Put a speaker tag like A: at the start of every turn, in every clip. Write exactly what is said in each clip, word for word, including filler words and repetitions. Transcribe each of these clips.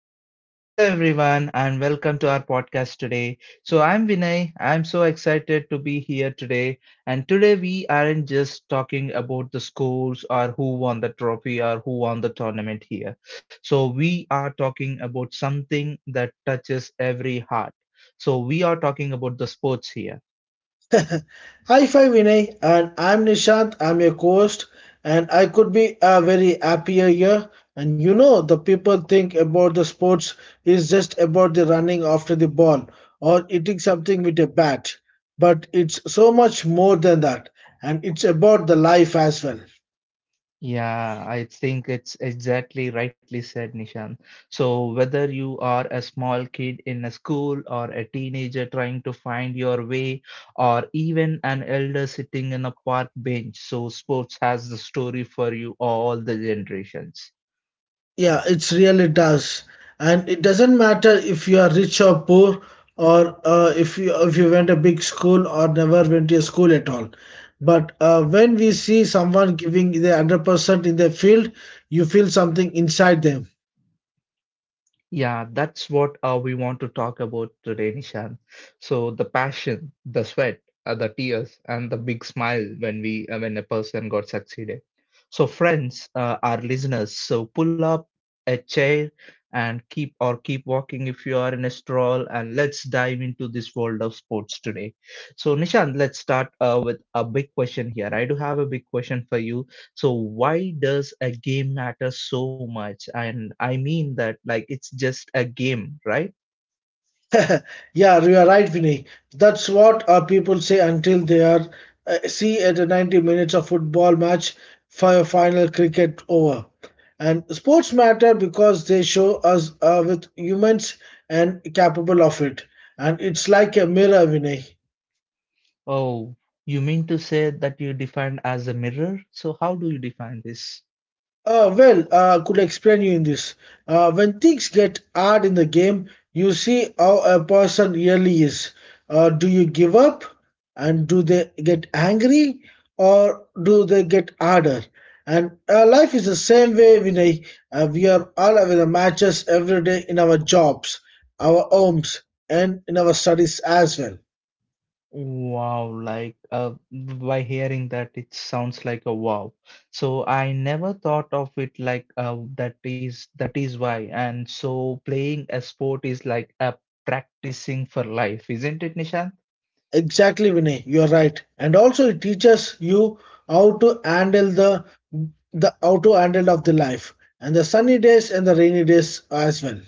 A: hello. Hello, everyone, and welcome to our podcast today. So, I'm Vinay. I'm so excited to be here today. And today, we aren't just talking about the scores or who won the trophy or who won the tournament here. So, we are talking about something that touches every heart. So, we are talking about the sports here.
B: Hi, Fi Vinay, and I'm Nishant. I'm your host, and I could be a very happier year. And you know, the people think about the sports is just about the running after the ball or hitting something with a bat, but it's so much more than that, and it's about the life as well.
A: Yeah, I think it's exactly rightly said, Nishan. So, whether you are a small kid in a school or a teenager trying to find your way, or even an elder sitting in a park bench, so sports has the story for you all the generations.
B: Yeah, it really does. And it doesn't matter if you are rich or poor, or uh, if you if you went a big school or never went to a school at all. But uh, when we see someone giving the one hundred percent in their field, you feel something inside them.
A: Yeah, that's what uh, we want to talk about today, Nishan. So the passion, the sweat, uh, the tears, and the big smile when we uh, when a person got succeeded. So friends, uh, our listeners, so pull up a chair and keep or keep walking if you are in a stroll, and let's dive into this world of sports today. So Nishan, let's start uh, with a big question here. I do have a big question for you, so why does a game matter so much? And I mean that, like, it's just a game, right?
B: Yeah, you are right, Vinny. That's what uh, people say until they are uh, see at a ninety minutes of football match for a final cricket over. And sports matter because they show us uh, with humans and capable of it. And it's like a mirror, Vinny.
A: Oh, you mean to say that you define as a mirror, so how do you define this?
B: Uh, well, uh, could explain you in this. Uh, when things get hard in the game, you see how a person really is. Uh, do you give up, and do they get angry, or do they get harder? And uh, life is the same way, Vinay. Uh, we are all having the matches every day in our jobs, our homes, and in our studies as well.
A: Wow, like uh, by hearing that, it sounds like a wow. So I never thought of it like uh, that is that is why. And so playing a sport is like a practicing for life, isn't it, Nishant?
B: Exactly, Vinay, you're right. And also it teaches you how to handle the the how to handle of the life and the sunny days and the rainy days as well.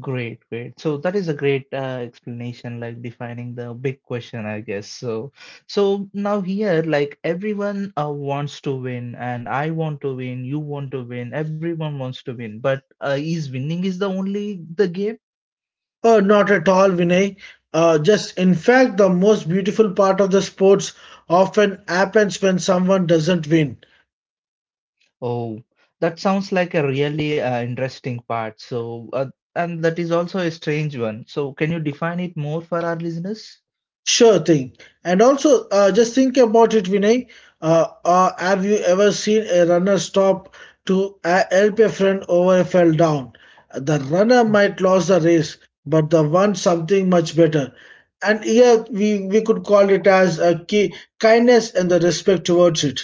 A: Great, great. So that is a great uh, explanation, like defining the big question, I guess. So, so now here, like everyone uh, wants to win, and I want to win, you want to win, everyone wants to win. But uh, is winning is the only the game?
B: Uh, not at all, Vinay. Uh, just in fact, the most beautiful part of the sports often happens when someone doesn't win.
A: Oh, that sounds like a really uh, interesting part. So, uh, and that is also a strange one. So, can you define it more for our listeners?
B: Sure thing. And also, uh, just think about it, Vinay. Uh, uh, have you ever seen a runner stop to uh, help a friend over a fell down? The runner might lose the race, but the one something much better. And here we, we could call it as a key, kindness and the respect towards it.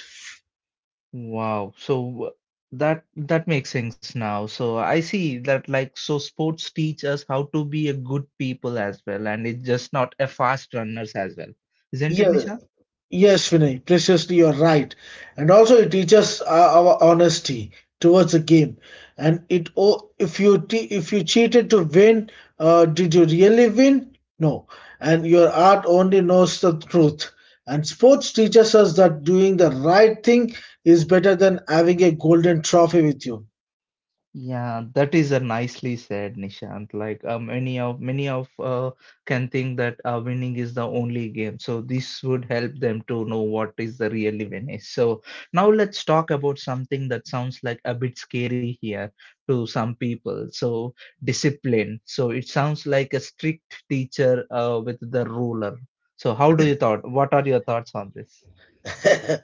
A: Wow. So uh, that that makes sense now. So I see that like, so sports teach us how to be a good people as well, and it's just not a fast runners as well. Isn't it,
B: Yeah,
A: Nisha?
B: Yes, Vinay, preciously you're right. And also, it teaches our, our honesty towards the game. And it, oh, if you te if you cheated to win, uh, did you really win? No. And your art only knows the truth. And sports teaches us that doing the right thing is better than having a golden trophy with you.
A: Yeah, that is a nicely said, Nishant. Like uh, many of many of uh, can think that uh, winning is the only game. So this would help them to know what is the really win is. So now let's talk about something that sounds like a bit scary here to some people. So, discipline. So it sounds like a strict teacher uh, with the ruler. So how do you thought? What are your thoughts on this?
B: Uh,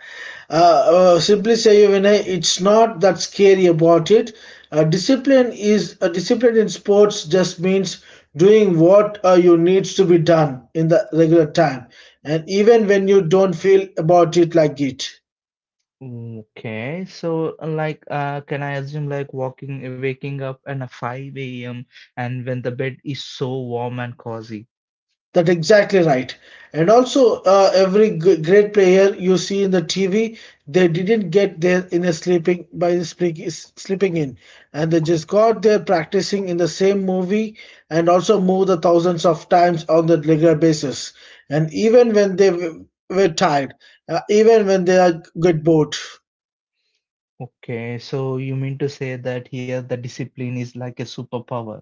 B: uh, simply say, Vinay, it's not that scary about it. Uh, discipline is uh, discipline in sports just means doing what uh, you needs to be done in the regular time, and even when you don't feel about it like it.
A: Okay, so uh, like, uh, can I assume like walking, waking up at a five a m and when the bed is so warm and cozy?
B: That's exactly right. And also, uh, every g- great player you see in the T V, they didn't get there in a sleeping by the sleeping sleeping in, and they just got there practicing in the same movie and also move the thousands of times on the regular basis. And even when they w- were tired, uh, even when they are get bored.
A: Okay, so you mean to say that here the discipline is like a superpower?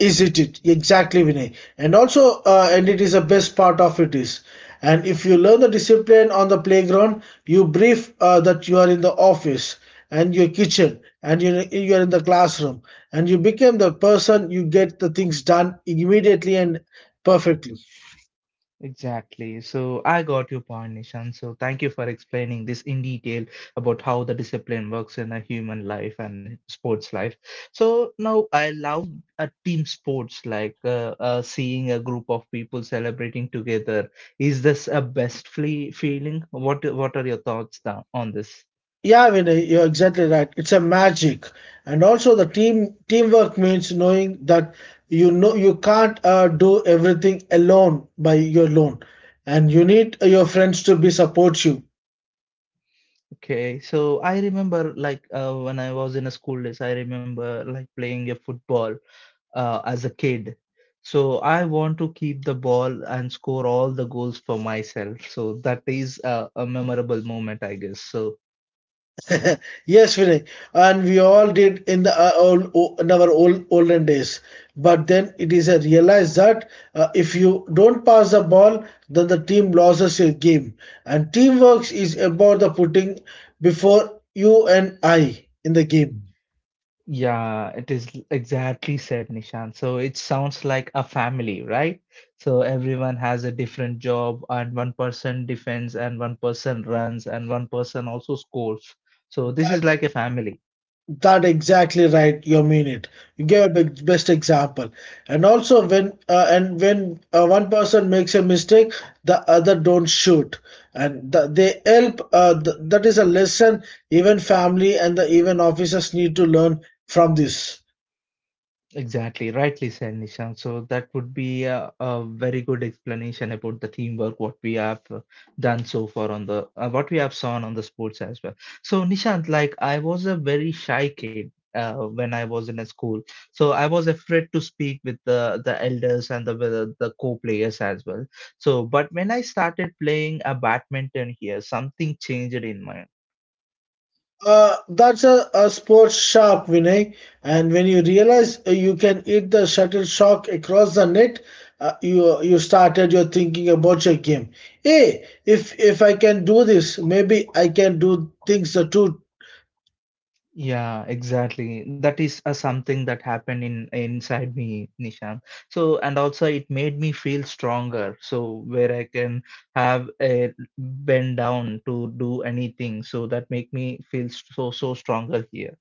B: Is it it? Exactly, Vinay. And also, uh, and it is the best part of it is. And if you learn the discipline on the playground, you brief uh, that you are in the office and your kitchen and you you are in the classroom and you become the person you get the things done immediately and perfectly.
A: Exactly. So I got your point, Nishan. So thank you for explaining this in detail about how the discipline works in a human life and sports life. So now I love a team sports, like uh, uh, seeing a group of people celebrating together. Is this a best fle feeling? What What are your thoughts tha- on this?
B: Yeah, Vinay, you're exactly right. It's a magic, and also the team teamwork means knowing that you know you can't uh, do everything alone by your own, and you need uh, your friends to be supportive.
A: Okay, so I remember like uh, when I was in a school days, I remember like playing a football, uh, as a kid. So I want to keep the ball and score all the goals for myself. So that is a, a memorable moment, I guess. So
B: Yes, Vinay, and we all did in the uh, old, o- in our old olden days. But then it is a realize that uh, if you don't pass the ball, then the team loses your game. And teamwork is about the putting before you and I in the game.
A: yeah, it is exactly said, Nishan. So it sounds like a family, right? So everyone has a different job, and one person defends, and one person runs, and one person also scores. So this is like a family.
B: That exactly right. You mean it. You gave a big, best example. And also when uh, and when uh, one person makes a mistake, the other don't shoot. And the, they help. Uh, th- that is a lesson even family and the even officers need to learn from this.
A: Exactly, rightly said, Nishan. So that would be a, a very good explanation about the teamwork, what we have uh, done so far on the uh, what we have seen on the sports as well. So Nishant, like I was a very shy kid uh, when I was in a school, so I was afraid to speak with the the elders and the the, the co-players as well. So, but when I started playing a badminton here, something changed in my.
B: Uh, that's a, a sports sharp, Vinay. And when you realize uh, you can hit the shuttlecock across the net, uh, you you started your thinking about your game. Hey, if if I can do this, maybe I can do things uh, too.
A: Yeah, exactly. That is uh, something that happened in inside me, Nishant. So, and also it made me feel stronger. So, where I can have a bend down to do anything. So that make me feel so so stronger here.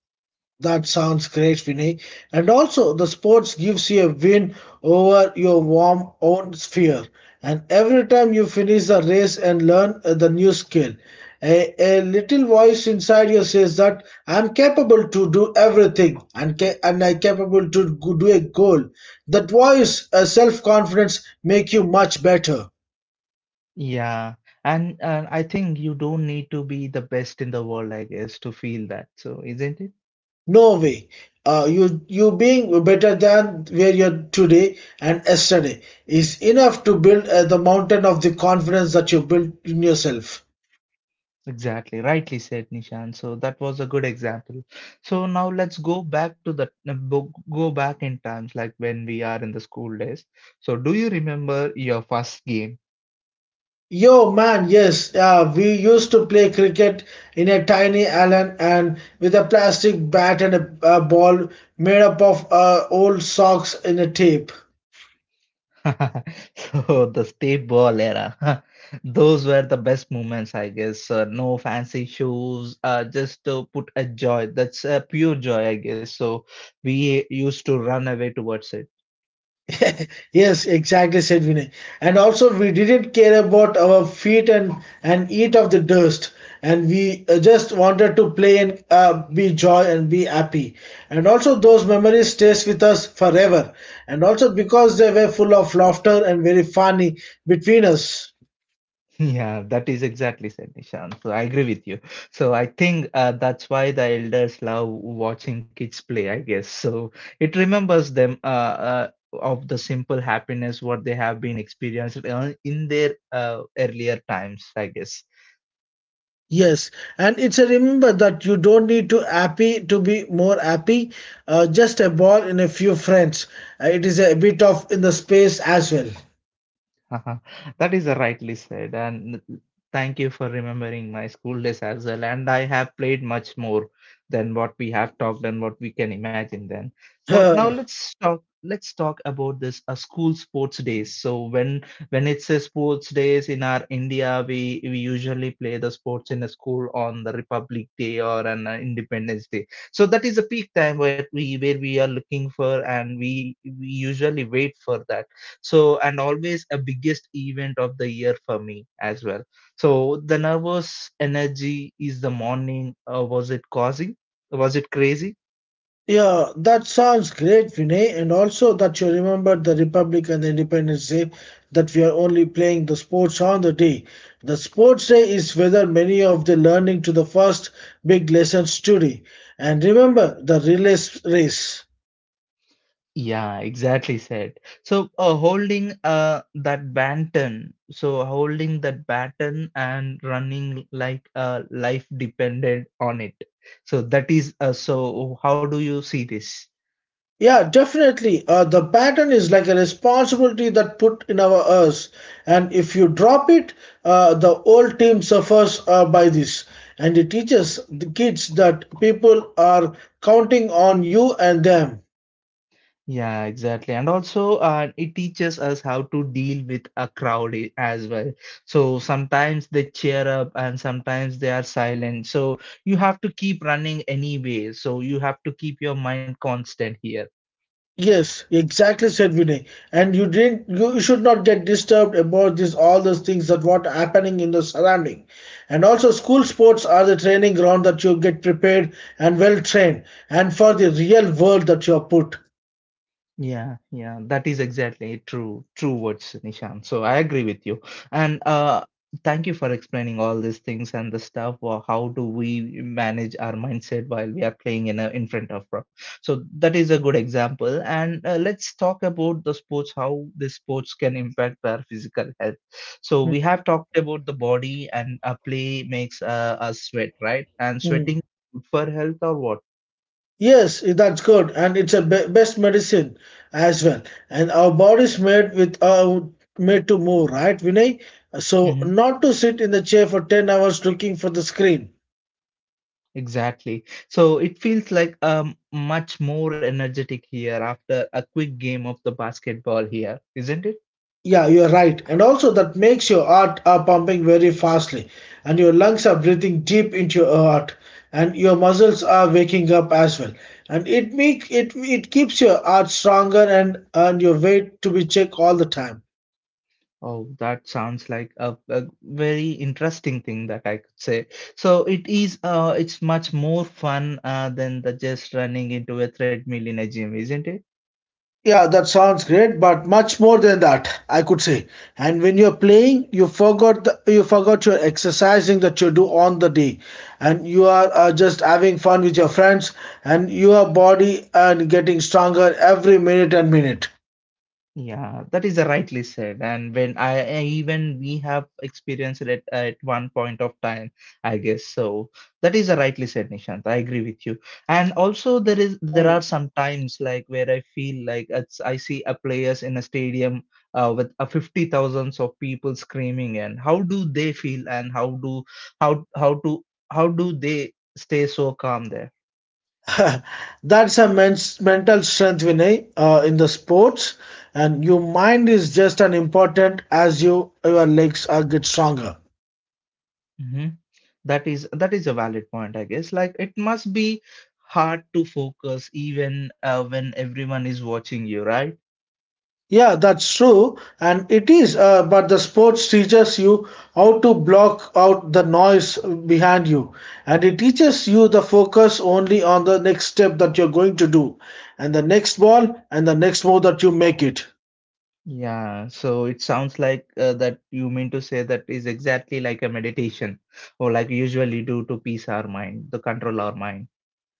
B: That sounds great, Vinay. And also, the sports gives you a win over your warm own sphere. And every time you finish the race and learn uh, the new skill, a, a little voice inside you says that I'm capable to do everything and ca- and I'm capable to go- do a goal. That voice, uh, self confidence, make you much better.
A: Yeah, and and I think you don't need to be the best in the world, I guess, to feel that. So, isn't it?
B: No way. Uh, you you being better than where you're today and yesterday is enough to build uh, the mountain of the confidence that you built in yourself.
A: Exactly, rightly said, Nishan. So that was a good example. So now let's go back to the uh, bo- go back in times like when we are in the school days. So do you remember your first game?
B: Yo, man, yes, uh, we used to play cricket in a tiny island and with a plastic bat and a, a ball made up of uh, old socks and a tape.
A: So the state ball era. Those were the best moments, I guess. Uh, no fancy shoes, uh, just to put a joy. That's a pure joy, I guess. So we used to run away towards it.
B: Yes, exactly, said Vinay. And also, we didn't care about our feet and and eat of the dust, and we uh, just wanted to play and uh, be joy and be happy. And also, those memories stays with us forever. And also because they were full of laughter and very funny between us.
A: Yeah, that is exactly said, Nishant. So I agree with you. So I think uh, that's why the elders love watching kids play, I guess. So it remembers them uh, uh, of the simple happiness what they have been experienced uh, in their uh, earlier times, I guess.
B: Yes, and it's a remember that you don't need to happy to be more happy. Uh, just a ball and a few friends. Uh, it is a bit of in the space as
A: That is rightly said, and thank you for remembering my school days as well. And I have played much more than what we have talked and what we can imagine then. So now
B: well.
A: let's talk. Let's talk about this uh, school sports days. So when when it's a sports days in our India, we we usually play the sports in a school on the Republic Day or an uh, Independence Day. So that is a peak time where we where we are looking for, and we we usually wait for that. So and always a biggest event of the year for me as well. So the nervous energy is the morning, uh, was it causing was it crazy?
B: Yeah, that sounds great, Vinay. And also that you remember the Republic and the Independence Day, that we are only playing the sports on the day. The sports day is whether many of the learning to the first big lessons today. And remember the relay race.
A: Yeah, exactly said. So uh, holding uh that baton, so holding that baton and running like uh life depended on it. So that is uh, so how do you see this?
B: Yeah, definitely. Uh, the pattern is like a responsibility that put in our us, and if you drop it, uh, the whole team suffers uh, by this. And it teaches the kids that people are counting on you and them.
A: Yeah, exactly. And also, uh, it teaches us how to deal with a crowd i- as well. So sometimes they cheer up and sometimes they are silent. So you have to keep running anyway. So you have to keep your mind constant here.
B: Yes, exactly said Vinay. And you didn't you should not get disturbed about this all those things that what happening in the surrounding. And also school sports are the training ground that you get prepared and well trained and for the real world that you are put.
A: Yeah, yeah, that is exactly true, true words, Nishan. So I agree with you. And uh, thank you for explaining all these things and the stuff. Or how do we manage our mindset while we are playing in a, in front of pro? So that is a good example. And uh, let's talk about the sports, how the sports can impact our physical health. So we have talked about the body and uh, play makes uh, us sweat, right? And
B: Hmm.
A: sweating good for health or what?
B: Yes, that's good, and it's a be- best medicine as well. And our body's made with uh, made to move, right, Vinay? So
A: Mm-hmm.
B: not to sit in the chair for ten hours looking for the screen.
A: Exactly. So it feels like um much more energetic here after a quick game of the basketball here, isn't it?
B: Yeah, you're right, and also that makes your heart are pumping very fastly, and your lungs are breathing deep into your heart, and your muscles are waking up as well, and it make it it keeps your heart stronger and and your weight to be checked all the time.
A: Oh, that sounds like a, a very interesting thing that I could say. So it is uh it's much more fun uh than the just running into a treadmill in a gym, isn't it?
B: Yeah, that sounds great, but much more than that, I could say. And when you're playing, you forgot the, you forgot your exercising that you do on the day, and you are uh, just having fun with your friends, and your body and getting stronger every minute and minute.
A: Yeah, that is rightly said. And when I, I even we have experienced it at one point of time, I guess so. That is rightly said, Nishant. I agree with you. And also there is there are
B: Mm.
A: some times like where I feel like it's, I see a players in a stadium uh, with a fifty thousands of people screaming, and how do they feel, and how do how how to how do they stay so calm there?
B: That's a men's mental strength, Vinay, uh, in the sports, and your mind is just as important as you your legs are get stronger.
A: Mhm. That is that is a valid point, I guess. Like it must be hard to focus even uh, when everyone is watching you, right?
B: Yeah, that's true, and it is. Uh, but the sports teaches you how to block out the noise behind you, and it teaches you the focus only on the next step that you're going to do, and the next ball, and the next move that you make it.
A: Yeah, so it sounds like uh, that you mean to say that is exactly like a meditation or like usually do to peace our mind, to control our mind.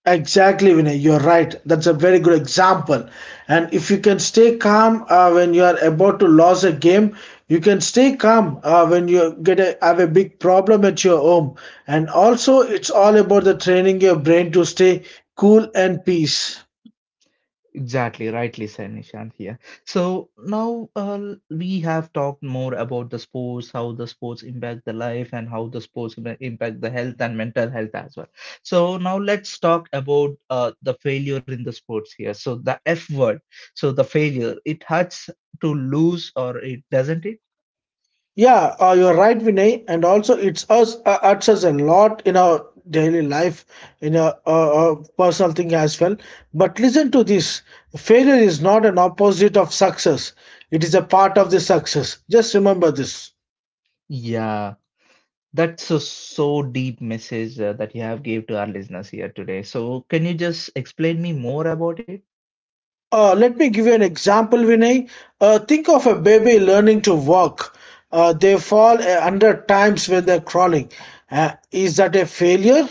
B: Exactly, Vinay. You're right. That's a very good example. And if you can stay calm uh, when you are about to lose a game, you can stay calm uh, when you get a, have a big problem at your home. And also, it's all about the training your brain to stay cool and peace.
A: Exactly, rightly said Nishant here. So now uh, we have talked more about the sports, how the sports impact the life, and how the sports im- impact the health and mental health as well. So now let's talk about uh, the failure in the sports here. So the F word, so the failure, it hurts to lose, or it doesn't it?
B: Yeah, uh, you're right, Vinay. And also, it's us uh, it's us a lot in our daily life, in our uh, uh, personal thing as well. But listen to this: failure is not an opposite of success; it is a part of the success. Just remember this.
A: Yeah, that's a so deep message uh, that you have gave to our listeners here today. So can you just explain me more about it?
B: Uh, let me give you an example, Vinay. Uh, think of a baby learning to walk. Uh, they fall a hundred times when they're crawling. Uh, is that a failure?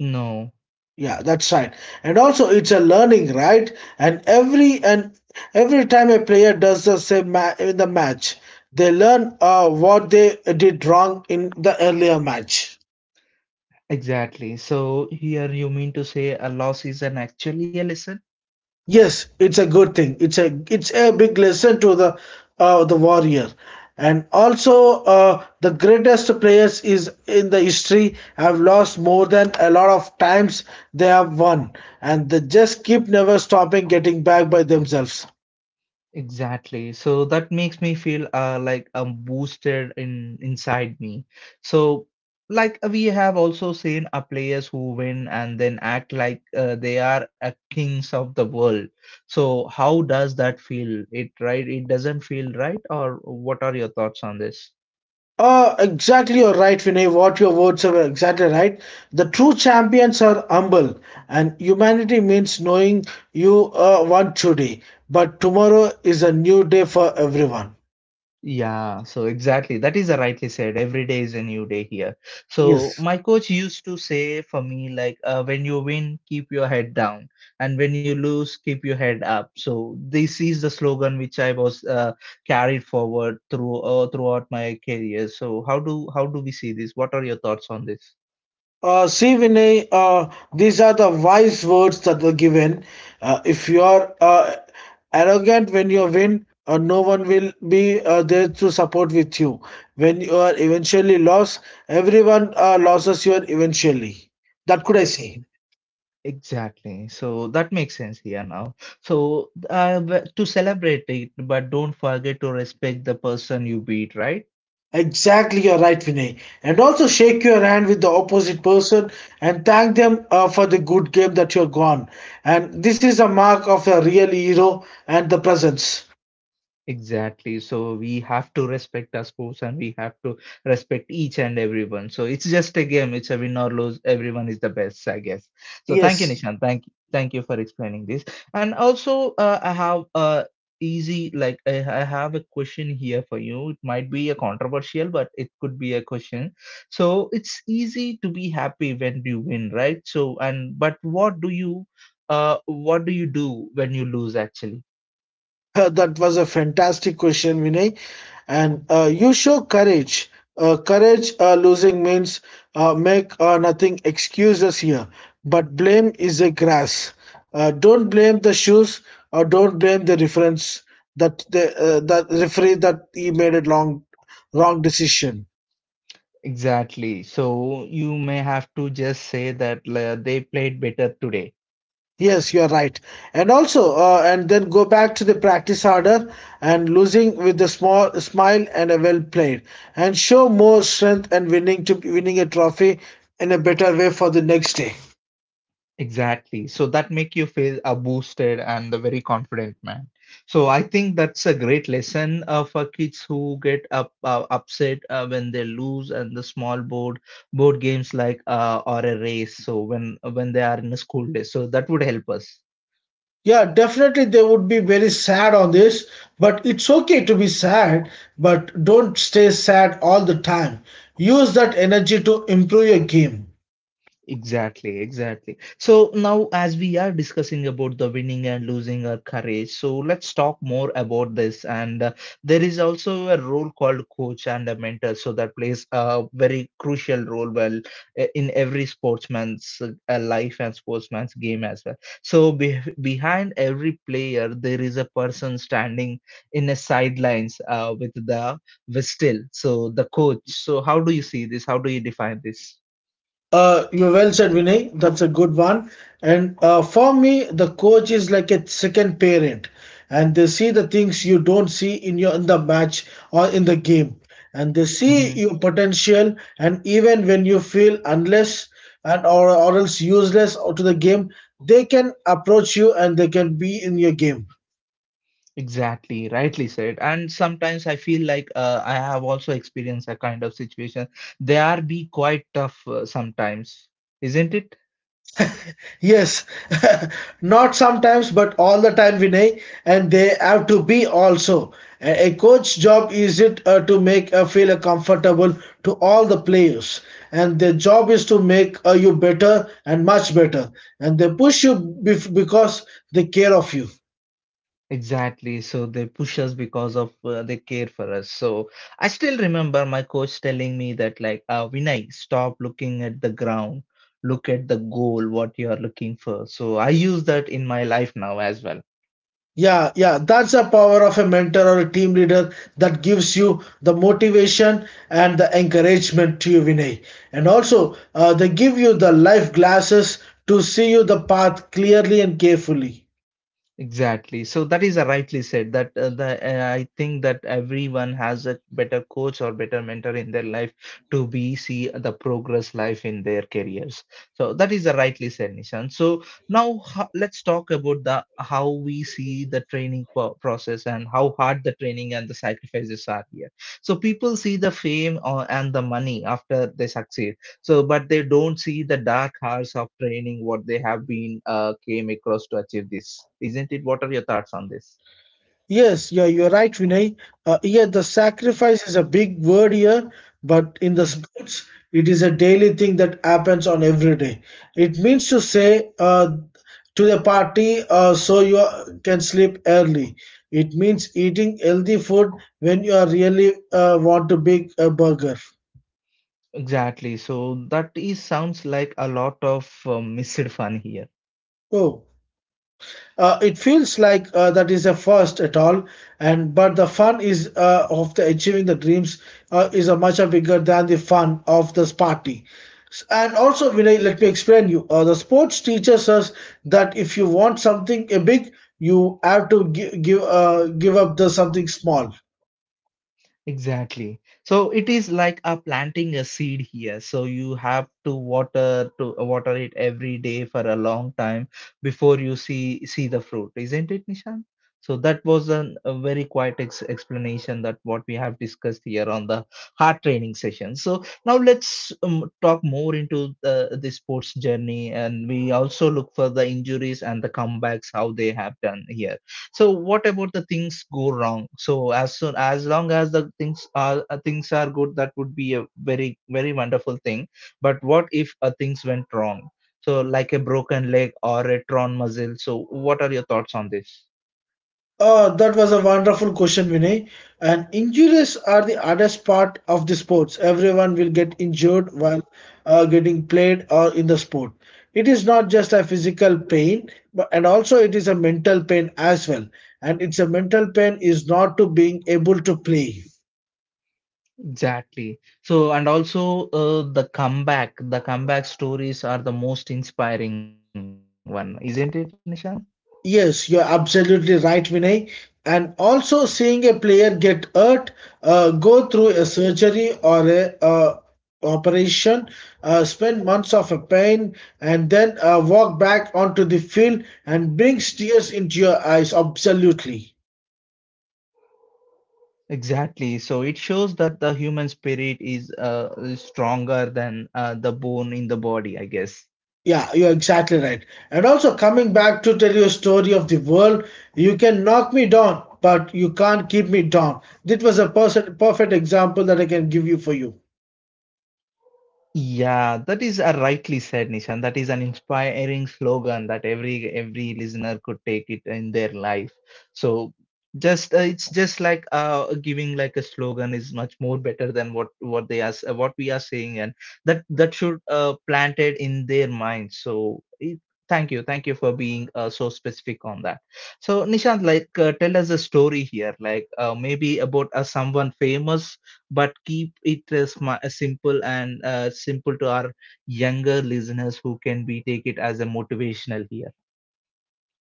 A: No.
B: Yeah, that's right. And also, it's a learning, right? And every and every time a player does the same ma- in the match, they learn uh, what they did wrong in the earlier match.
A: Exactly. So here you mean to say a loss is an actually a lesson?
B: Yes, it's a good thing. It's a it's a big lesson to the uh, the warrior. And also, uh, the greatest players is in the history have lost more than a lot of times they have won, and they just keep never stopping getting back by themselves.
A: Exactly. So that makes me feel uh, like I'm boosted in inside me. So like we have also seen a players who win and then act like uh, they are a kings of the world. So how does that feel? It right? It doesn't feel right, or what are your thoughts on this?
B: Uh, exactly, you're right, Vinay. What your words are exactly right. The true champions are humble, and humanity means knowing you uh, want today, but tomorrow is a new day for everyone.
A: Yeah, so exactly. That is a rightly said. Every day is a new day here. So
B: Yes.
A: my coach used to say for me, like, uh, when you win, keep your head down, and when you lose, keep your head up. So this is the slogan which I was uh, carried forward through uh, throughout my career. So how do how do we see this? What are your thoughts on this?
B: Uh, see, Vinay, uh, these are the wise words that were given. Uh, if you are uh, arrogant when you win, uh, no one will be uh, there to support with you. When you are eventually lost, everyone uh, loses you eventually. That could I
A: E-
B: say.
A: Exactly. So that makes sense here now. So uh, w- to celebrate it, but don't forget to respect the person you beat, right?
B: Exactly, you're right, Vinay. And also shake your hand with the opposite person and thank them uh, for the good game that you're gone. And this is a mark of a real hero and the presence.
A: Exactly. So we have to respect our sports and we have to respect each and everyone. So it's just a game. It's a win or lose. Everyone is the best, I guess. So thank you,
B: Yes.
A: Nishan. Thank you. Thank you for explaining this. And also, uh, I have uh easy like I, I have a question here for you. It might be a controversial, but it could be a question. So it's easy to be happy when you win, right? So and but what do you uh what do you do when you lose actually?
B: Uh, That was a fantastic question, Vinay. And uh, you show courage. Uh, courage uh, losing means uh, make uh, nothing excuses here, but blame is a grass. Uh, don't blame the shoes or don't blame the reference that the uh, that referee that he made a long wrong decision.
A: Exactly. So you may have to just say that uh, they played better today.
B: Yes, you are right. And also, uh, and then go back to the practice harder and losing with a small smile and a well played, and show more strength and winning to winning a trophy in a better way for the next day.
A: Exactly. So that make you feel uh, boosted and a very confident man. So I think that's a great lesson uh, for kids who get up uh, upset uh, when they lose and the small board board games like uh, or a race. So when when they are in a school day, so that would help us.
B: Yeah, definitely they would be very sad on this, but it's okay to be sad, but don't stay sad all the time. Use that energy to improve your game.
A: Exactly, exactly. So now, as we are discussing about the winning and losing our courage, so let's talk more about this. And uh, there is also a role called coach and a mentor, so that plays a very crucial role well uh, in every sportsman's uh, life and sportsman's game as well. So be behind every player, there is a person standing in the sidelines uh, with the whistle, so the coach. So how do you see this? How do you define this?
B: Uh, you well said, Vinay. That's a good one. And uh, for me, the coach is like a second parent, and they see the things you don't see in your in the match or in the game, and they see
A: Mm-hmm.
B: your potential. And even when you feel unless and or, or else useless to the game, they can approach you and they can be in your game.
A: Exactly, rightly said. And sometimes I feel like uh, I have also experienced a kind of situation. They are be quite tough uh, sometimes, isn't it?
B: Yes, not sometimes, but all the time, Vinay, and they have to be also. A a coach job is it uh, to make uh, feel uh, comfortable to all the players, and their job is to make uh, you better and much better, and they push you bef- because they care of you.
A: Exactly. So they push us because of uh, they care for us. So I still remember my coach telling me that like, uh, Vinay, stop looking at the ground, look at the goal, what you are looking for. So I use that in my life now as well.
B: Yeah, yeah, that's the power of a mentor or a team leader that gives you the motivation and the encouragement to you, Vinay. And also, uh, they give you the life glasses to see you the path clearly and carefully.
A: Exactly. So that is a rightly said that uh, the uh, I think that everyone has a better coach or better mentor in their life to be see the progress life in their careers. So that is a rightly said, Nishan. So now ho- let's talk about the how we see the training po- process and how hard the training and the sacrifices are here. So people see the fame or, and the money after they succeed. So but they don't see the dark hours of training what they have been uh, came across to achieve this. Isn't it? What are your thoughts on this?
B: Yes, yeah, you're right, Vinay. Uh, yeah, the sacrifice is a big word here, but in the
A: Mhm.
B: sports, it is a daily thing that happens on every day. It means to say uh, to the party uh, so you are- can sleep early. It means eating healthy food when you are really uh, want to big a burger.
A: Exactly. So that is sounds like a lot of uh, missed fun here.
B: Oh. Uh, it feels like uh, that is a first at all, and but the fun is uh, of the achieving the dreams uh, is a much bigger than the fun of this party. S- And also, Vinay, let me explain you. Uh, the sports teaches us that if you want something uh, big, you have to give give, uh, give up the something small.
A: Exactly. So it is like a planting a seed here. So you have to water to water it every day for a long time before you see see the fruit, isn't it, Nishan? So that was an, a very quiet ex explanation that what we have discussed here on the heart training session. So now let's um, talk more into the, the sports journey, and we also look for the injuries and the comebacks how they have done here. So what about the things go wrong? So as soon as long as the things are uh, things are good, that would be a very very wonderful thing, but what if uh, things went wrong, so like a broken leg or a torn muscle? So what are your thoughts on this?
B: Uh, that was a wonderful question, Vinay. And injuries are the hardest part of the sports. Everyone will get injured while uh, getting played or in the sport. It is not just a physical pain, but and also it is a mental pain as well. And it's a mental pain is not to being able to play.
A: Exactly. So, and also uh, the comeback, the comeback stories are the most inspiring one, isn't it, Nishan?
B: Yes, you're absolutely right, Vinay. And also seeing a player get hurt, uh, go through a surgery or a uh, operation, uh, spend months of a pain, and then uh, walk back onto the field and brings tears into your eyes. Absolutely.
A: Exactly. So it shows that the human spirit is uh, is stronger than uh, the bone in the body, I guess.
B: Yeah, you're exactly right. And also coming back to tell you a story of the world, you can knock me down, but you can't keep me down. That was a person, perfect example that I can give you for you.
A: Yeah, that is a rightly said, Nishan. That is an inspiring slogan that every every listener could take it in their life. So just uh, it's just like uh giving like a slogan is much more better than what what they are s- uh, what we are saying, and that that should uh planted in their minds. So it, thank you, thank you for being uh, so specific on that. So Nishant, like uh, tell us a story here, like uh, maybe about uh, someone famous, but keep it uh, smi- uh, simple and uh, simple to our younger listeners who can be take it as a motivational here.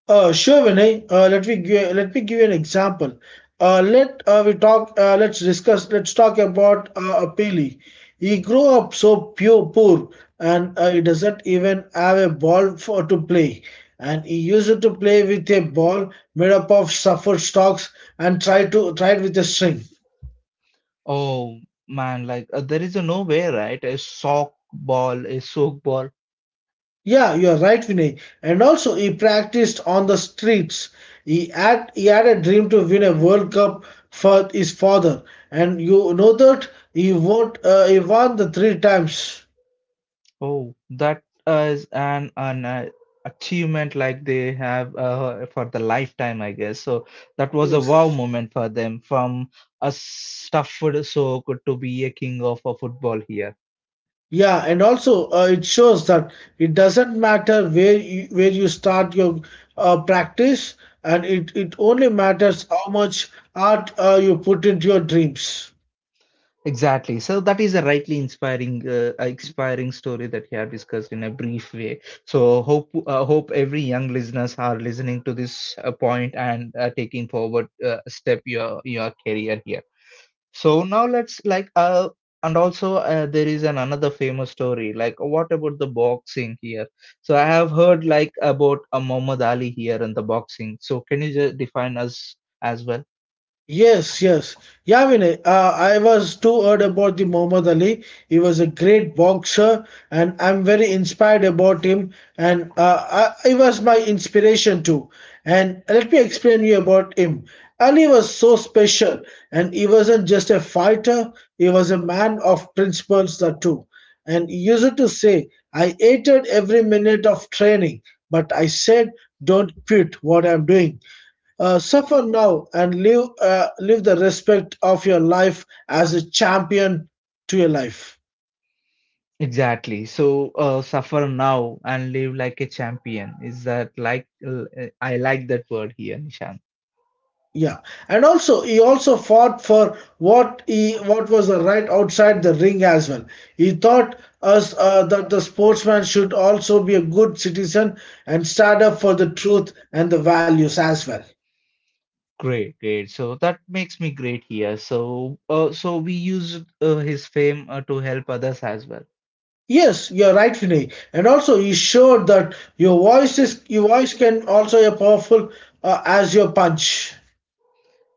B: Uh, sure, Vinay. Uh, let me give, let me give you an example. Uh, let uh, we talk. Uh, let's discuss. Let's talk about uh, Apili. He grew up so pure, poor, and uh, he doesn't even have a ball for to play. And he used to play with a ball made up of suffered stalks and try to try with a string.
A: Oh man, like uh, there is a no way, right? A sock ball, a soak ball.
B: Yeah, you are right, Vinay. And also, he practiced on the streets. He had he had a dream to win a World Cup for his father, and you know that he won uh, he won the three times.
A: Oh, that is an an uh, achievement like they have uh, for the lifetime, I guess. So that was a wow
B: Yes.
A: moment for them from a stuffed soak to be a king of a football here.
B: Yeah, and also uh, it shows that it doesn't matter where you, where you start your uh, practice, and it, it only matters how much art uh, you put into your dreams.
A: Exactly. So that is a rightly inspiring, uh, uh, inspiring story that we have discussed in a brief way. So hope, uh, hope every young listeners are listening to this uh, point and uh, taking forward uh, step your your career here. So now let's like uh and also uh, there is an another famous story. Like what about the boxing here? So I have heard like about uh, Muhammad Ali here and the boxing. So can you just define us as well?
B: Yes, yes. Yeah, Vinay, uh, I was too heard about the Muhammad Ali. He was a great boxer, and I'm very inspired about him. And uh, I, he was my inspiration too. And let me explain you about him. Ali was so special, and he wasn't just a fighter. He was a man of principles that too. And he used to say, "I hated every minute of training, but I said, don't quit what I'm doing." Uh, suffer now and live uh, live the respect of your life as a champion to your life.
A: Exactly. So uh, suffer now and live like a champion. Is that like uh, I like that word here, Nishant?
B: Yeah, and also he also fought for what he what was the right outside the ring as well. He taught us uh, that the sportsman should also be a good citizen and stand up for the truth and the values as well.
A: Great, great. So that makes me great here. So uh, so we used uh, his fame uh, to help others as well.
B: Yes, you're right, Vinay. And also, he showed that your voice is your voice can also be powerful uh, as your punch.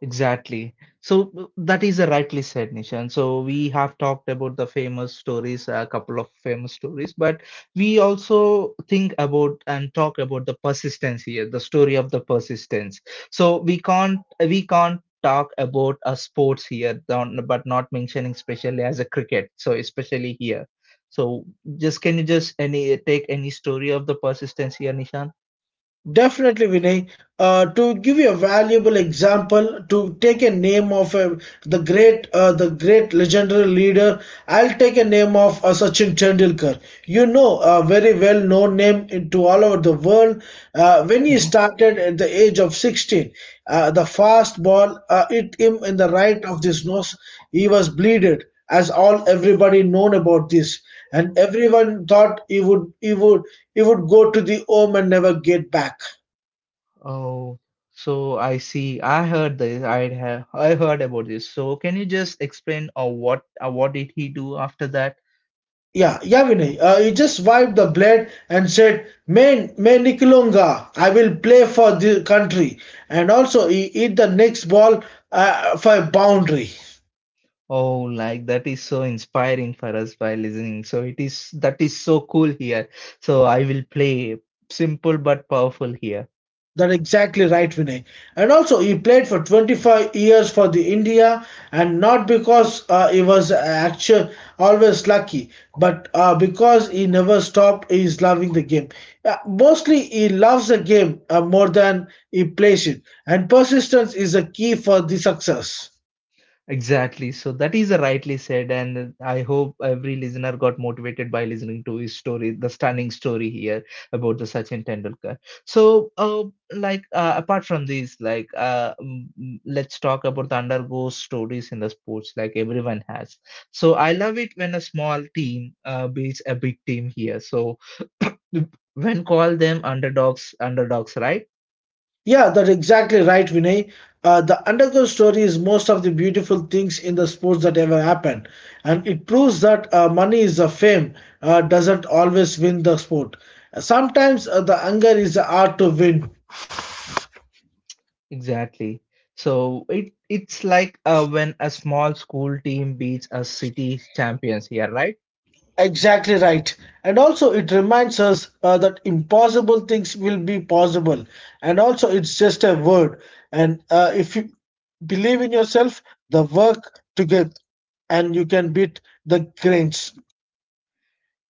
A: Exactly. So uh, that is a rightly said, Nishan. So we have talked about the famous stories, a couple of famous stories, but we also think about and talk about the persistence here, the story of the persistence. So we can't we can't talk about a sports here, don- but not mentioning especially as a cricket. So especially here. So just can you just any take any story of the persistence here, Nishan?
B: Definitely, Vinay. Uh, to give you a valuable example, to take a name of a, the great, uh, the great legendary leader, I'll take a name of uh, Sachin Tendulkar, you know, a very well known name into all over the world. Uh, when he
A: Hmm.
B: started at the age of sixteen, uh, the fast ball uh, hit him in the right of his nose. He was bleeded, as all everybody known about this, and everyone thought he would he would he would go to the home and never get back.
A: Oh, so I see. I heard this. I have I heard about this. So can you just explain uh, what uh, what did he do after that?
B: Yeah, yeah, Vinay. Uh, he just wiped the blade and said, "Main, main Nikalunga, I will play for the country." And also, he hit the next ball uh, for a boundary.
A: Oh, like that is so inspiring for us by listening. So it is that is so cool here. So I will play simple but powerful here.
B: That's exactly right, Vinay. And also, he played for twenty-five years for the India, and not because uh, he was actually always lucky, but uh, because he never stopped his loving the game. Uh, mostly, he loves the game uh, more than he plays it, and persistence is a key for the success.
A: Exactly. So that is rightly said, and I hope every listener got motivated by listening to his story, the stunning story here about the Sachin Tendulkar. So, uh, like uh, apart from these, like uh, mm, mm, let's talk about the undergo stories in the sports, like everyone has. So I love it when a small team uh, beats a big team here. So when call them underdogs, underdogs, right?
B: Yeah, that's exactly right, Vinay. Uh, the underground story is most of the beautiful things in the sports that ever happened, and it proves that uh, money is the fame uh, doesn't always win the sport. Sometimes uh, the anger is the art to win.
A: Exactly. So it it's like uh, when a small school team beats a city champions here, right?
B: Exactly right. And also, it reminds us uh, that impossible things will be possible. And also, it's just a word. And uh, if you believe in yourself, the work together, and you can beat the grains.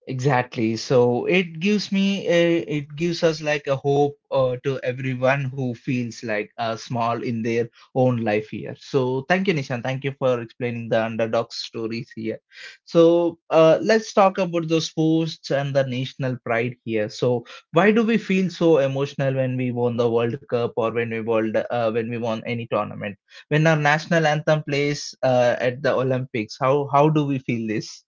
A: Exactly. So it gives me a, it gives us like a hope uh, to everyone who feels like uh, small in their own life here. So thank you, Nishan. Thank you for explaining the underdog stories here. So uh, let's talk about the sports and the national pride here. So why do we feel so emotional when we won the World Cup or when we world uh, when we won any tournament? When our national anthem plays uh, at the Olympics, how how do we feel this?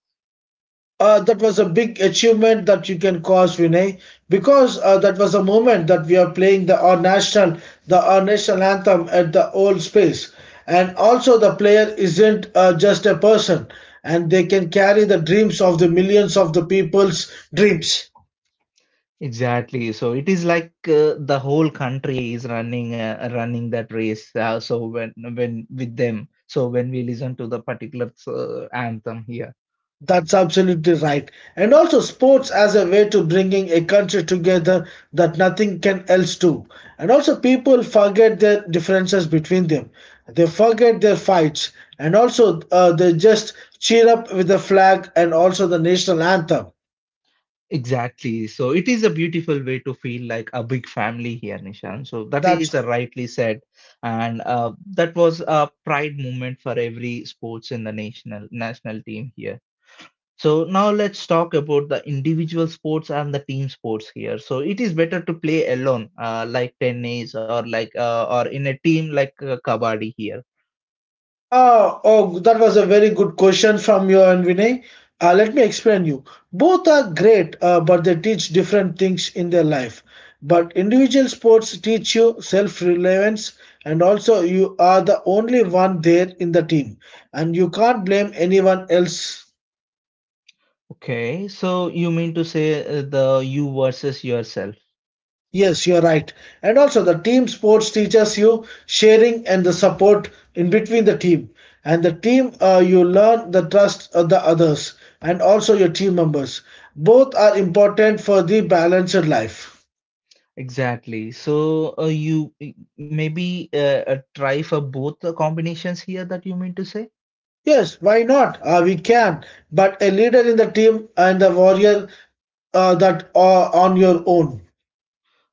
B: Uh, that was a big achievement that you can cause, Vinay, because uh, that was a moment that we are playing the our national the our national anthem at the old space, and also the player isn't uh, just a person, and they can carry the dreams of the millions of the people's dreams.
A: Exactly. So it is like uh, the whole country is running uh, running that race. Uh, so when when with them, so when we listen to the particular uh, anthem here,
B: That's absolutely right. And also sports as a way to bringing a country together that nothing can else do. And also people forget their differences between them. They forget their fights. And also uh, they just cheer up with the flag and also the national anthem.
A: exactly. So it is a beautiful way to feel like a big family here, Nishan. So that is
B: That's
A: a rightly said, and uh, that was a pride moment for every sports in the national national team here. So now let's talk about the individual sports and the team sports here. So it is better to play alone, uh, like tennis or like uh, or in a team like uh, kabaddi here.
B: Ah, oh, that was a very good question from you and Vinay. Uh, let me explain you. Both are great, uh, but they teach different things in their life. But individual sports teach you self-reliance, and also you are the only one there in the team, and you can't blame anyone else.
A: Okay, so you mean to say uh, the you versus yourself.
B: Yes, you're right. And also, the team sports teaches you sharing and the support in between the team. And the team, uh, you learn the trust of the others and also your team members. Both are important for the balanced life.
A: Exactly. So uh, you uh, maybe uh, uh, try for both the combinations here that you mean to say?
B: Yes, why not? Uh, we can. But a leader in the team and the warrior uh, that are on your own.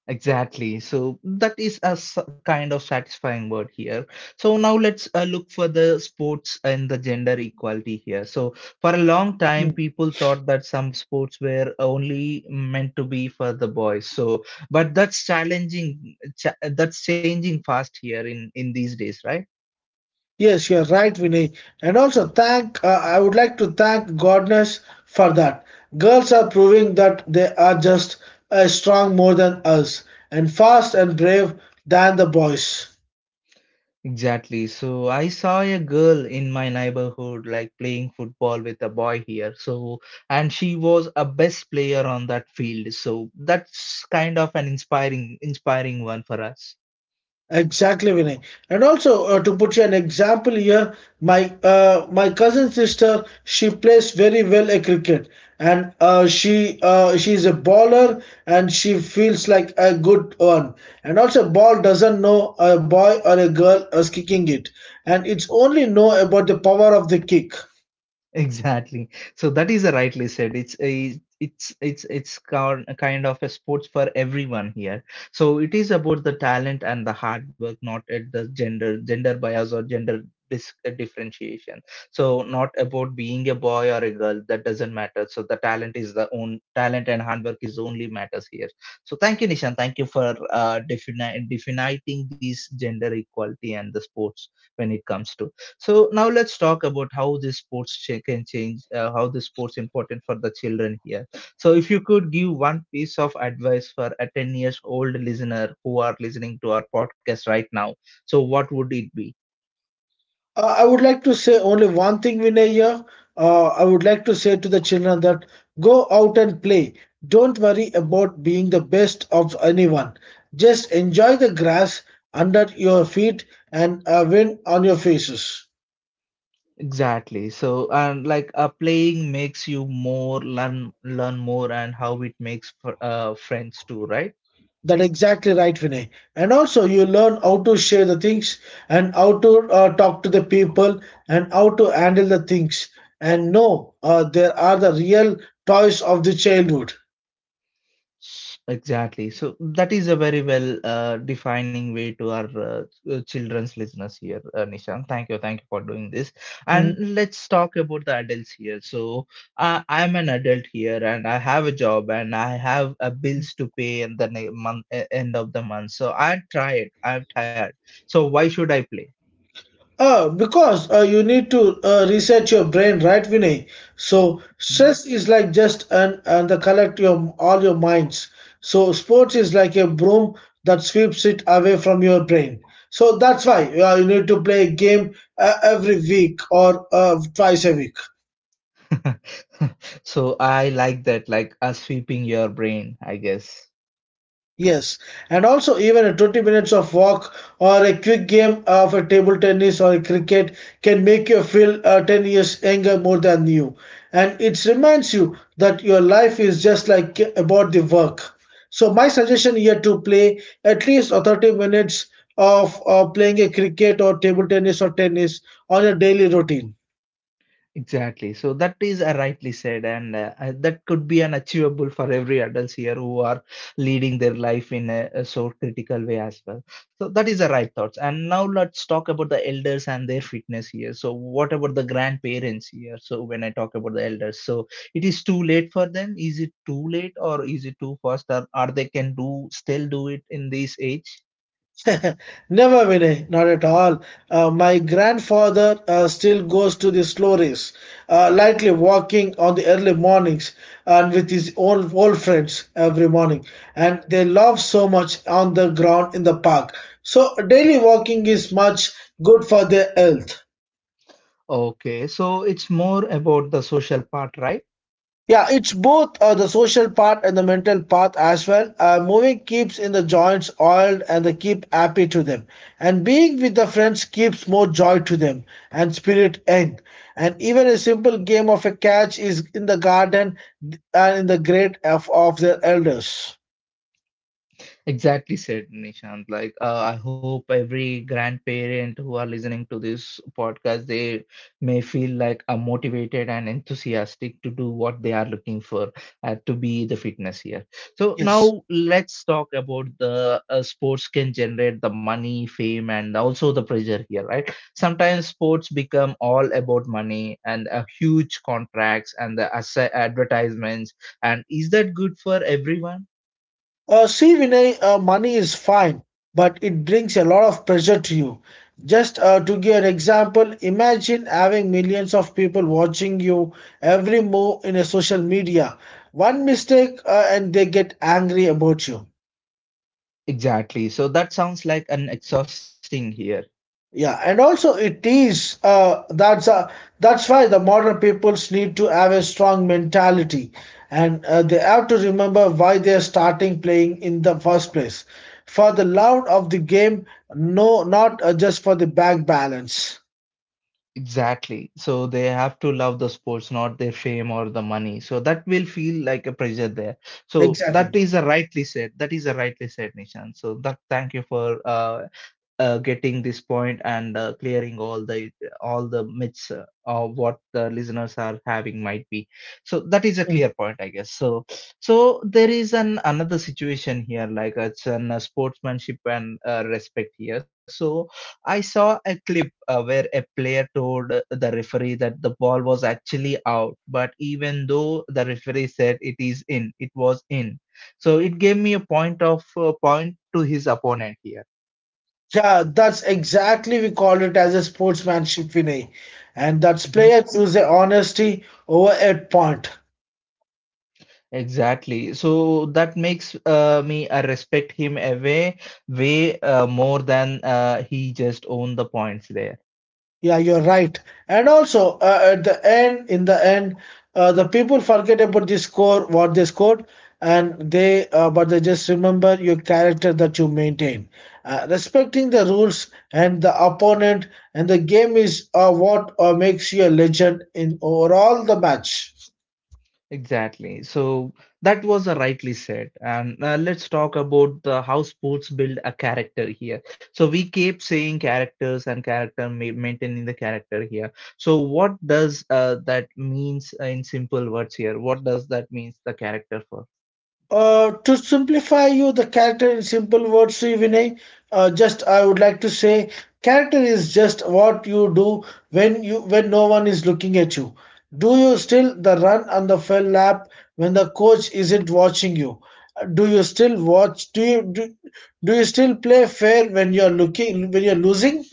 A: Exactly. So that is a s- kind of satisfying word here. So now let's uh, look for the sports and the gender equality here. So for a long time, people thought that some sports were only meant to be for the boys. So, but that's challenging. Ch- that's changing fast here in in these days, right?
B: Yes, you're right, Vinay. And also, thank uh, I would like to thank goddess for that. Girls are proving that they are just as strong more than us and fast and brave than the boys.
A: Exactly. So I saw a girl in my neighborhood like playing football with a boy here. So, and she was a best player on that field. So that's kind of an inspiring, inspiring one for us.
B: Exactly, Vinay. And also, uh, to put you an example here, my uh, my cousin sister, she plays very well at cricket, and uh, she uh, she's a baller, and she feels like a good one. And also, ball doesn't know a boy or a girl is kicking it, and it's only know about the power of the kick.
A: Exactly. So that is rightly said. It's a it's it's it's kind kind of a sports for everyone here. So it is about the talent and the hard work, not at the gender gender bias or gender dis uh, differentiation. So not about being a boy or a girl. That doesn't matter. So the talent is the own talent and hard work is only matters here. So thank you, Nishan. Thank you for uh, defini defining these gender equality and the sports when it comes to. So now let's talk about how this sports cha- can change, uh, how the sports important for the children here. So if you could give one piece of advice for a ten years old listener who are listening to our podcast right now, so what would it be?
B: Uh, I would like to say only one thing, Vinay. Here. Uh, I would like to say to the children that go out and play. Don't worry about being the best of anyone. Just enjoy the grass under your feet and uh, wind on your faces.
A: Exactly. So and like uh, playing makes you more learn learn more and how it makes fr- uh, friends too, right?
B: That exactly right, Vinay. And also, you learn how to share the things and how to uh, talk to the people and how to handle the things. And no, uh, there are the real toys of the childhood.
A: Exactly. So that is a very well uh, defining way to our uh, uh, children's listeners here, uh, Nishan. Thank you, thank you for doing this.
B: Hmm.
A: And let's talk about the adults here. So I I'm an adult here, and I have a job, and I have uh, bills to pay in the ne- month, uh, end of the month. So I'm tired. I'm tired. So why should I play?
B: Uh, because uh, you need to uh, reset your brain, right, Vinay? So
A: Hmm.
B: stress is like just an and the collect your all your minds. So sports is like a broom that sweeps it away from your brain. So that's why uh, you need to play a game uh, every week or uh, twice a week.
A: So I like that, like uh, sweeping your brain, I guess.
B: Yes, and also even a twenty minutes of walk or a quick game of a table tennis or a cricket can make you feel uh, ten years younger more than you. And it reminds you that your life is just like uh, about the work. So my suggestion here to play at least uh, thirty minutes of uh, playing a cricket or table tennis or tennis on a daily routine.
A: Exactly. So that is uh, rightly said, and uh, uh, that could be an achievable for every adults here who are leading their life in a, a so critical way as well. So that is the right thoughts. And now let's talk about the elders and their fitness here. So what about the grandparents here? So when I talk about the elders, so it is too late for them. Is it too late or is it too fast? Or are they can do still do it in this age?
B: Never, Vinay, not at all. Uh, my grandfather uh, still goes to the slow race, uh, lightly walking on the early mornings uh, and with his old, old friends every morning. And they love so much on the ground in the park. So, daily walking is much good for their health.
A: Okay, so it's more about the social part, right?
B: Yeah, it's both uh, the social part and the mental part as well. Uh, moving keeps in the joints oiled and they keep happy to them. And being with the friends keeps more joy to them and spirit end. And even a simple game of a catch is in the garden and in the grate of, of their elders.
A: Exactly said Nishant. Like, uh, I hope every grandparent who are listening to this podcast, they may feel like uh, motivated and enthusiastic to do what they are looking for uh, to be the fitness here. So
B: Yes.
A: now let's talk about the uh, sports can generate the money, fame, and also the pressure here, right? Sometimes sports become all about money and uh, huge contracts and the assa- advertisements. And is that good for everyone?
B: Uh, see, Vinay, uh, money is fine, but it brings a lot of pressure to you. Just uh, to give an example, imagine having millions of people watching you every move in a social media. One mistake uh, and they get angry about you.
A: Exactly. So that sounds like an exhausting here.
B: Yeah, and also it is uh, that's uh, that's why the modern peoples need to have a strong mentality, and uh, they have to remember why they're starting playing in the first place, for the love of the game, no, not uh, just for the bank balance.
A: Exactly. So they have to love the sports, not their fame or the money. So that will feel like a pressure there. So that
B: Exactly.
A: is a rightly said. That is a rightly said, Nishan. So that thank you for uh, uh, getting this point and uh, clearing all the all the myths uh, of what the listeners are having might be. So that is a
B: Mm.
A: clear point, I guess. So so there is an another situation here, like it's an uh, sportsmanship and uh, respect here. So I saw a clip uh, where a player told uh, the referee that the ball was actually out, but even though the referee said it is in, it was in. So it gave me a point of uh, point to his opponent here.
B: Yeah, that's exactly we call it as a sportsmanship, Vinay, and that's
A: Mhm.
B: players choose a honesty over a point.
A: Exactly. So that makes uh, me uh, respect him a way, way uh, more than uh, he just owned the points there.
B: Yeah, you're right. And also, uh, at the end, in the end, uh, the people forget about the score, what they scored, and they, uh, but they just remember your character that you maintain. Uh, respecting the rules and the opponent and the game is uh, what uh, makes you a legend in overall the match.
A: Exactly. So that was a rightly said. And uh, let's talk about the how sports build a character here. So we keep saying characters and character ma- maintaining the character here. So what does uh, that means uh, in simple words here? What does that means the character for?
B: Uh, to simplify you the character in simple words, Sri Vinay, uh, just I would like to say character is just what you do when you when no one is looking at you. Do you still the run on the fell lap when the coach isn't watching you? Uh, Do you still watch? Do you do, do you still play fair when you're looking when you're losing?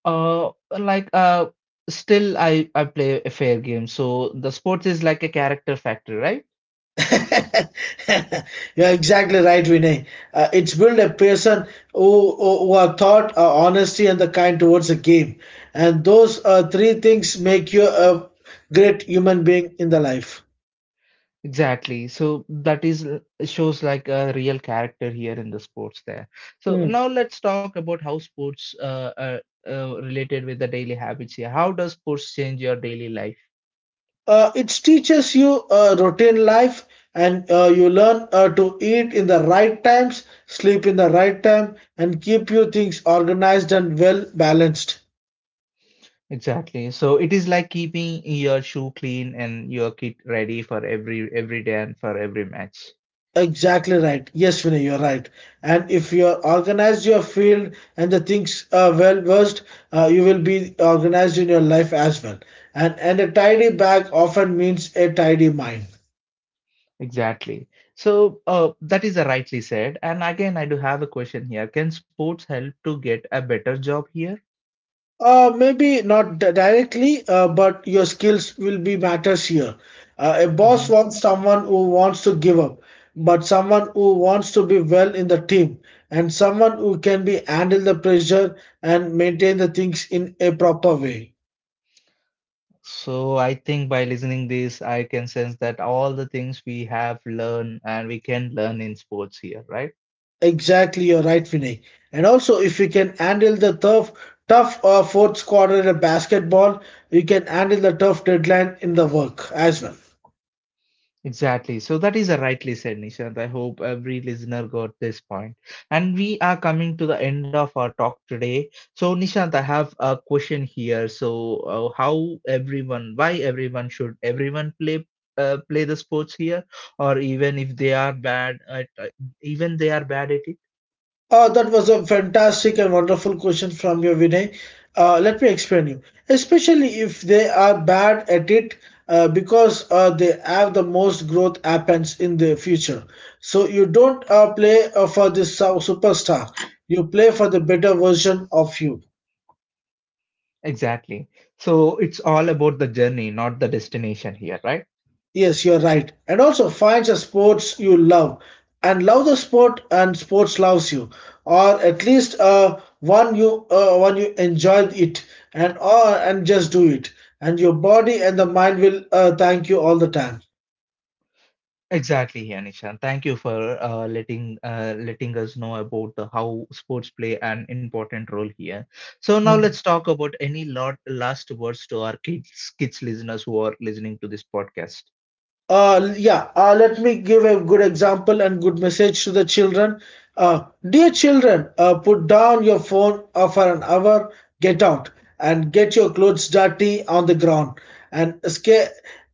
A: Uh, like uh, still I I play a fair game. So the sports is like a character factor, right?
B: You're exactly right, Vinay. Uh, it's built a person who, who, who are thought, uh, honesty, and the kind towards a game. And those uh, three things make you a great human being in the life.
A: Exactly. So that is uh, shows like a real character here in the sports there. So
B: Mm.
A: now let's talk about how sports uh, uh, uh, related with the daily habits here. How does sports change your daily life?
B: Uh, it teaches you uh, routine life and uh, you learn uh, to eat in the right times, sleep in the right time, and keep your things organized and well balanced.
A: Exactly. So it is like keeping your shoe clean and your kit ready for every every day and for every match.
B: Exactly right. Yes, Vinay, you're right. And if you are organized your field and the things are well versed, uh, you will be organized in your life as well. And and a tidy bag often means a tidy mind.
A: Exactly. So uh, that is a rightly said. And again, I do have a question here. Can sports help to get a better job here?
B: Uh, maybe not di- directly, uh, but your skills will be matters here. Uh, a boss wants someone who wants to give up, but someone who wants to be well in the team, and someone who can be handle the pressure and maintain the things in a proper way.
A: So I think by listening this, I can sense that all the things we have learned and we can learn in sports here, right?
B: Exactly, you're right, Vinay. And also, if we can handle the tough, tough uh, fourth quarter in basketball, we can handle the tough deadline in the work as well.
A: Exactly. So that is a rightly said, Nishant. I hope every listener got this point. And we are coming to the end of our talk today. So Nishant, I have a question here. So uh, how everyone, why everyone should everyone play uh, play the sports here, or even if they are bad at, uh, even they are bad at it?
B: Uh, that was a fantastic and wonderful question from you, Vinay. Uh, let me explain you. Especially if they are bad at it, uh, because uh, they have the most growth happens in the future. So you don't uh, play uh, for this uh, superstar. You play for the better version of you.
A: Exactly. So it's all about the journey, not the destination here, right?
B: Yes, you're right. And also finds a sports you love and love the sport and sports loves you or at least uh, one you uh, one you enjoy it and uh, and just do it and your body and the mind will uh, thank you all the time.
A: Exactly, yeah, Nishan. Thank you for uh, letting uh, letting us know about the, how sports play an important role here. So now let's talk about any lot, last words to our kids, kids listeners who are listening to this podcast.
B: Uh, yeah, uh, let me give a good example and good message to the children. Uh, dear children, uh, put down your phone uh, for an hour, get out, and get your clothes dirty on the ground, and sca-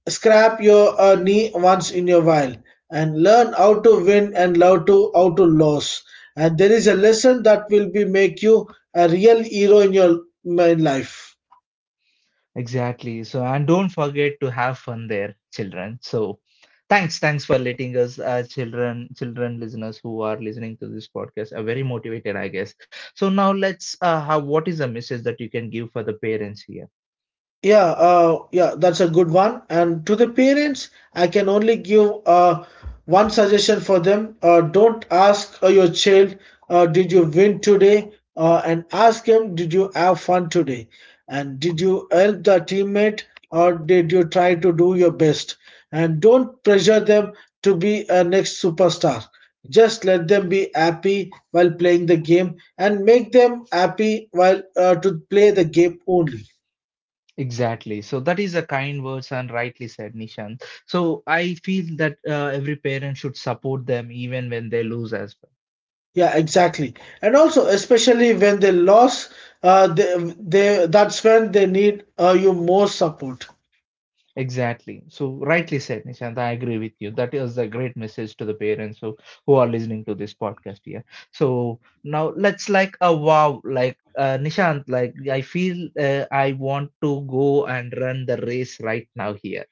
B: scrap your uh, knee once in a while, and learn how to win and how to how to lose. And there is a lesson that will be make you a real hero in your in life.
A: Exactly. So, and don't forget to have fun there, children. So, thanks, thanks for letting us, uh, children, children listeners who are listening to this podcast are very motivated, I guess. So now let's, uh, have what is a message that you can give for the parents here?
B: Yeah, uh, yeah, that's a good one. And to the parents, I can only give uh, one suggestion for them. Uh, don't ask uh, your child, uh, did you win today? Uh, and ask him, did you have fun today? And did you help the teammate or did you try to do your best? And don't pressure them to be a next superstar. Just let them be happy while playing the game and make them happy while uh, to play the game only.
A: Exactly. So that is a kind words and rightly said, Nishant. So I feel that uh, every parent should support them even when they lose as well.
B: Yeah, exactly. And also, especially when they lose, uh, they, they that's when they need uh, you more support.
A: Exactly. So rightly said, Nishant. I agree with you. That is a great message to the parents who, who are listening to this podcast here. So now let's like a wow, like uh, Nishant, like I feel uh, I want to go and run the race right now here.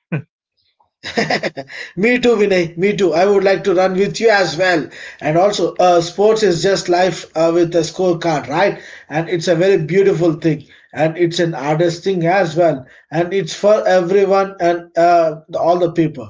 B: Me too, Vinay. Me too. I would like to run with you as well. And also, uh, sports is just life uh, with a scorecard, right? And it's a very beautiful thing, and it's an artist thing as well, and it's for everyone and uh, all the people.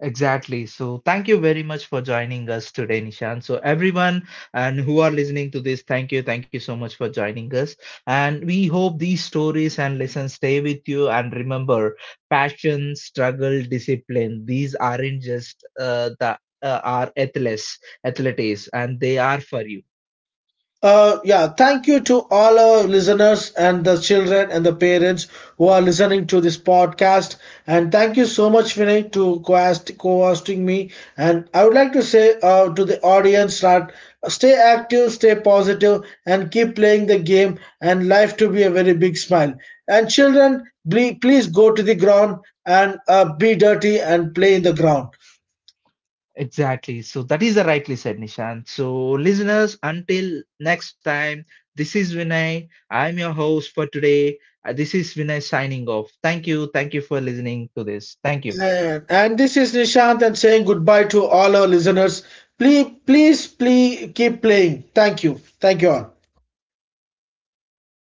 A: Exactly. So thank you very much for joining us today, Nishan. So everyone and who are listening to this, thank you. Thank you so much for joining us. And we hope these stories and lessons stay with you. And remember, passion, struggle, discipline, these aren't just uh, the uh, are athletes, athletes, and they are for you.
B: Uh, yeah, thank you to all our listeners and the children and the parents who are listening to this podcast. And thank you so much, Vinay, to co-host- co-hosting me. And I would like to say uh, to the audience that stay active, stay positive, and keep playing the game and life to be a very big smile. And children, ble- please go to the ground and uh, be dirty and play in the ground.
A: Exactly. So that is the rightly said, Nishant. So listeners, until next time, this is Vinay. I'm your host for today. Uh, This is Vinay signing off. Thank you. Thank you for listening to this. Thank you.
B: Man, and this is Nishant and saying goodbye to all our listeners. Please, please, please keep playing. Thank you. Thank you all.